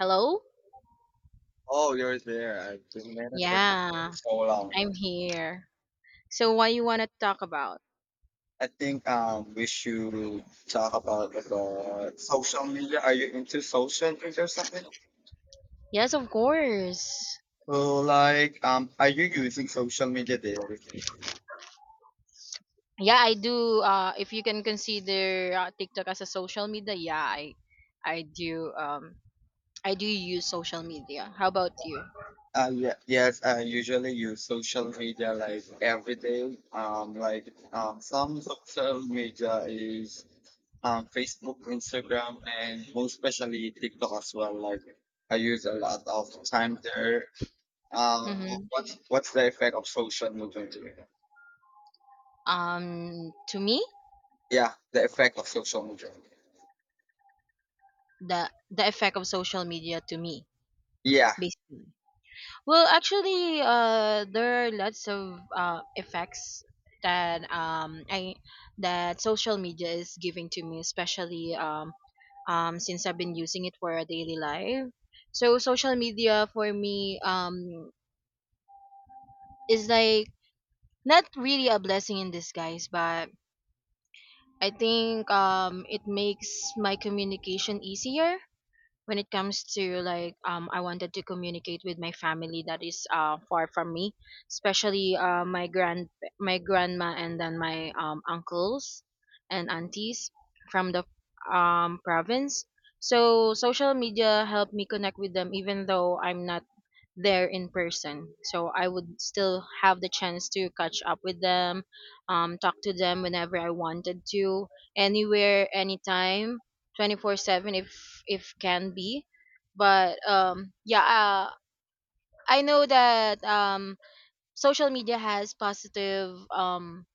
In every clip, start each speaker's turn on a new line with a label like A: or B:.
A: Hello?
B: Oh, you're there. I've been waiting for
A: Yeah,
B: so long.
A: I'm here. So what you want to talk about?
B: I think we should talk about the social media. Are you into social media or something?
A: Yes, of course.
B: So like are you using social media daily?
A: Yeah, I do if you can consider TikTok as a social media, yeah, I do I do use social media. How about you?
B: Yeah, yes, I usually use social media like every day. Like some social media is Facebook, Instagram, and most especially TikTok as well. Like I use a lot of time there. Um,
A: Mhm.
B: what's what's the effect of social movement?
A: Um to me,
B: Yeah, the effect of social movement.
A: the effect of social media to me
B: Yeah.
A: basically. Well, actually, there are lots of effects that I that social media is giving to me, especially since I've been using it for a daily life. So social media for me is like not really a blessing in disguise, but I think it makes my communication easier when it comes to like I wanted to communicate with my family that is far from me, especially my grandma, and then my uncles and aunties from the province. So social media helped me connect with them even though I'm not there in person. So I would still have the chance to catch up with them, talk to them whenever I wanted to, anywhere, anytime, 24/7 if can be. But yeah, I know that social media has positive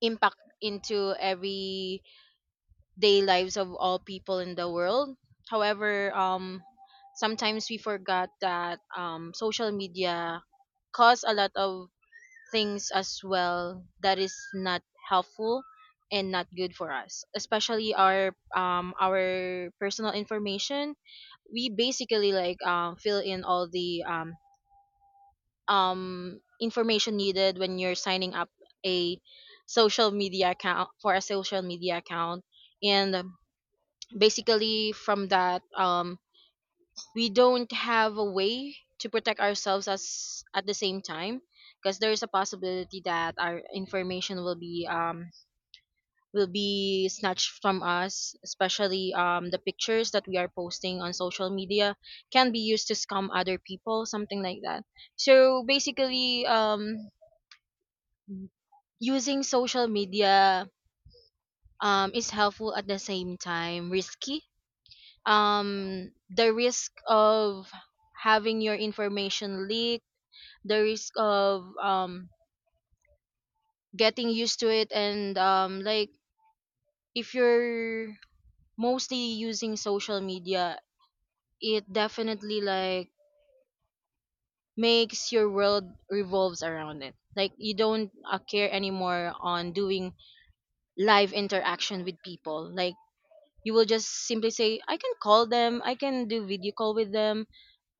A: impact into everyday lives of all people in the world. However, sometimes we forgot that social media cause a lot of things as well that is not helpful and not good for us, especially our personal information. We basically like fill in all the information needed when you're signing up a social media account, for a social media account. And basically from that we don't have a way to protect ourselves as at the same time, because there is a possibility that our information will be snatched from us, especially the pictures that we are posting on social media can be used to scam other people, something like that. So basically using social media is helpful at the same time risky. The risk of having your information leak, the risk of getting used to it, and like if you're mostly using social media, it definitely like makes your world revolves around it. Like you don't care anymore on doing live interaction with people. Like you will just simply say I can call them, I can do video call with them,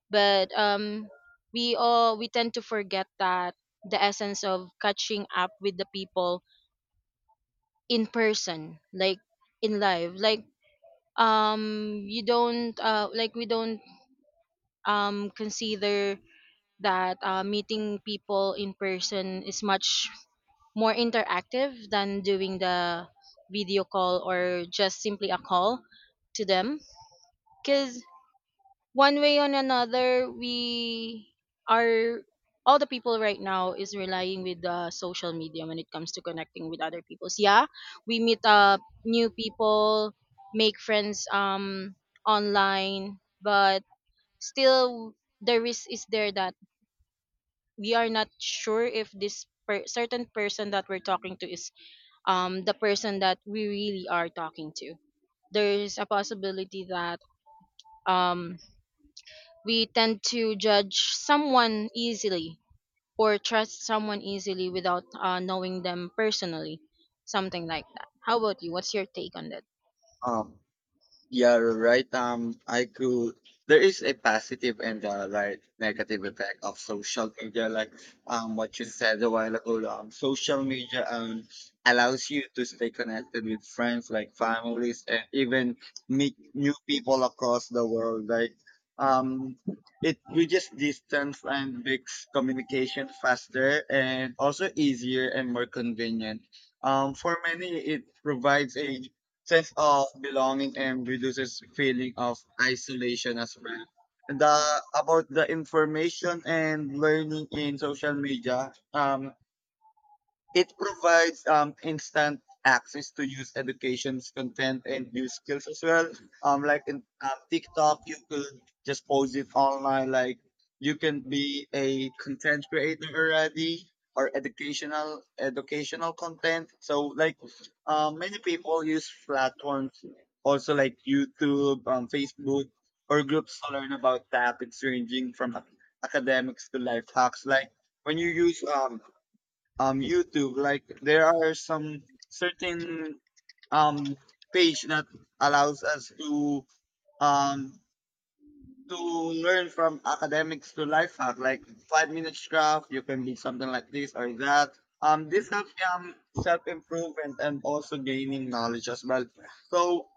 A: but we tend to forget that the essence of catching up with the people in person, like in life, like you don't like we don't consider that meeting people in person is much more interactive than doing the video call or just simply a call to them. Because one way or another, we are, all the people right now is relying with the social media when it comes to connecting with other peoples. Yeah, we meet up new people, make friends online, but still the risk is there that we are not sure if this certain person that we're talking to is the person that we really are talking to. There's a possibility that um we tend to judge someone easily or trust someone easily without knowing them personally, something like that. How about you? What's your take on that?
B: Um, yeah, you're right. I could. There is a positive and like negative effect of social media, like what you said a while ago. Social media allows you to stay connected with friends, like families, and even meet new people across the world. Like um, it bridges distance and makes communication faster and also easier and more convenient. For many, it provides a sense of belonging and reduces feeling of isolation as well. The about the information and learning in social media. It provides instant access to youth education's content and new skills as well. Like in TikTok, you could just post it online. Like you can be a content creator already or educational content. So like many people use platforms also like YouTube, Facebook, or groups to learn about topics ranging from academics to life hacks. Like when you use YouTube. Like there are some certain um page that allows us um to learn from academics to life hack, like 5 minutes craft. You can be something like this or that. This helps self improvement and also gaining knowledge as well. So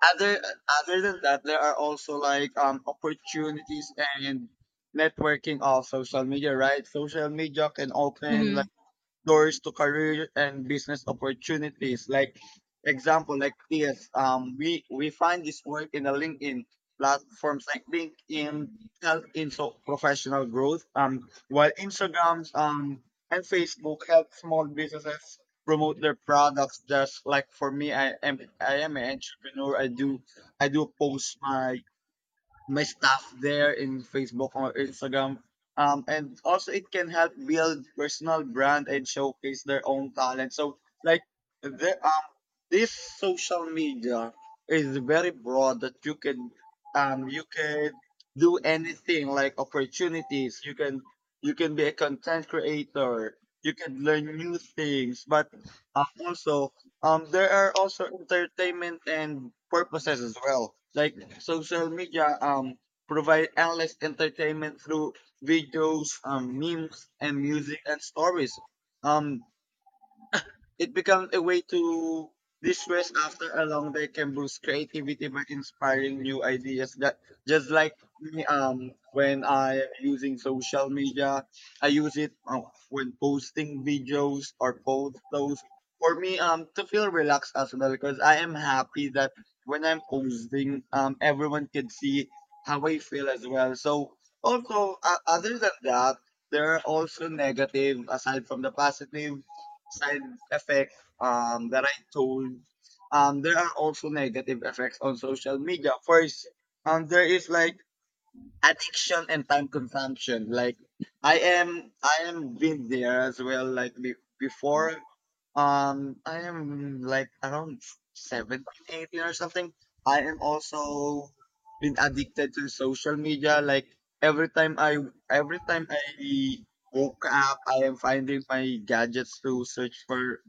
B: other other than that, there are also like opportunities and networking of social media, right? Social media can open
A: Hmm.
B: doors to career and business opportunities. Like example, like this, we find this work in the LinkedIn platforms like LinkedIn help in so professional growth. While Instagrams and Facebook help small businesses promote their products. Just like for me, I am an entrepreneur. I do post my my stuff there in Facebook or Instagram. And also it can help build personal brand and showcase their own talent. So like the this social media is very broad that you can do anything like opportunities. You can be a content creator. You can learn new things, but also there are also entertainment and purposes as well. Like social media, provide endless entertainment through videos, memes, and music and stories. Um, it becomes a way to distress after a long day can boost creativity by inspiring new ideas. That just like me, when I am using social media, I use it when posting videos or post those for me to feel relaxed as well because I am happy that when I'm posting, everyone can see how I feel as well. So also other than that, there are also negative aside from the positive side effects that I told. There are also negative effects on social media. First, there is like addiction and time consumption. Like I am been there as well. Like before, I am like around 17, 18 or something. I am also been addicted to social media. Like every time I, every time I woke up, I am finding my gadgets to search for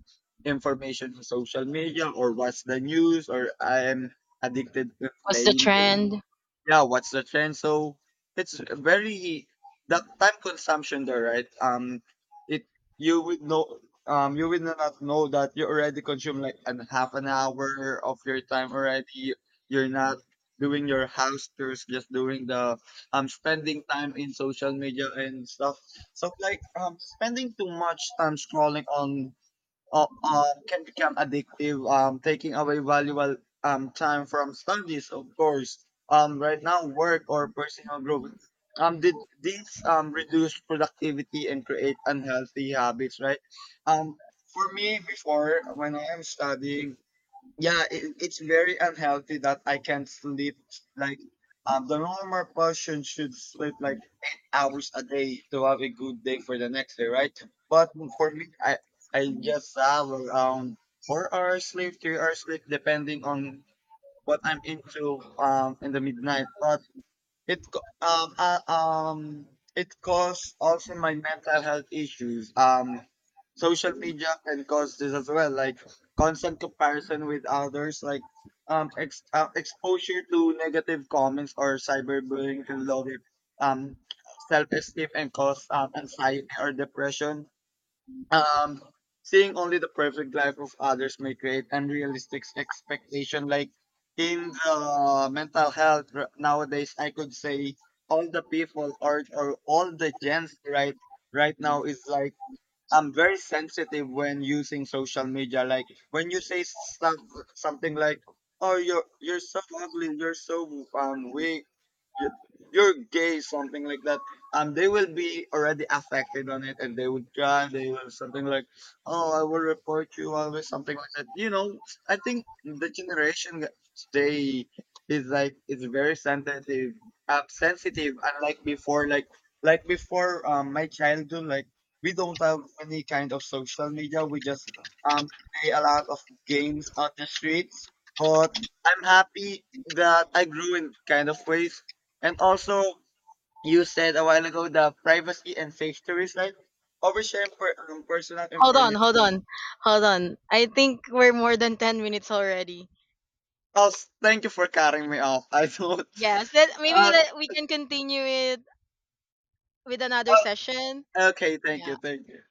B: information on social media or watch the news or I am addicted to
A: What's the
B: playing games.
A: trend?
B: Yeah, what's the trend? So it's very that time consumption there, right? It you would know, you would not know that you already consume like an half an hour of your time already. You're not doing your house tours, just doing the spending time in social media and stuff. So like spending too much time scrolling on can become addictive, taking away valuable time from studies, of course, right now, work or personal growth. Did these reduce productivity and create unhealthy habits, right? Um, for me, before, when I am studying, it's very unhealthy that I can't sleep like the normal person should sleep like 8 hours a day to have a good day for the next day, right? But for me, I just have around 4 hours sleep 3 hours sleep depending on what I'm into in the midnight. But it it caused also my mental health issues. Social media can cause this as well, like constant comparison with others, like exposure to negative comments or cyberbullying can lower um self esteem and cause anxiety or depression um seeing only the perfect life of others may create unrealistic expectation like in the mental health nowadays I could say all the people or all the gens right right now is like I'm very sensitive when using social media like when you say stuff something like oh you're so ugly you're so weak y- you're gay, something like that. They will be already affected on it, and they would try. They will something like, "Oh, I will report you," always something like that. You know, I think the generation today is like it's very sensitive. Sensitive, unlike before. Like before, my childhood, like we don't have any kind of social media. We just um play a lot of games on the streets. But I'm happy that I grew in kind of ways and also, you said a while ago the privacy and safety risk, right? Oversharing personal
A: Hold on, hold
B: information.
A: on, hold on. I think we're more than 10 minutes already.
B: Oh, thank you for cutting me off. I thought.
A: Yes, let, maybe
B: Uh,
A: let, we can continue it with another
B: uh,
A: session.
B: okay, thank you,
A: Yeah.
B: thank you.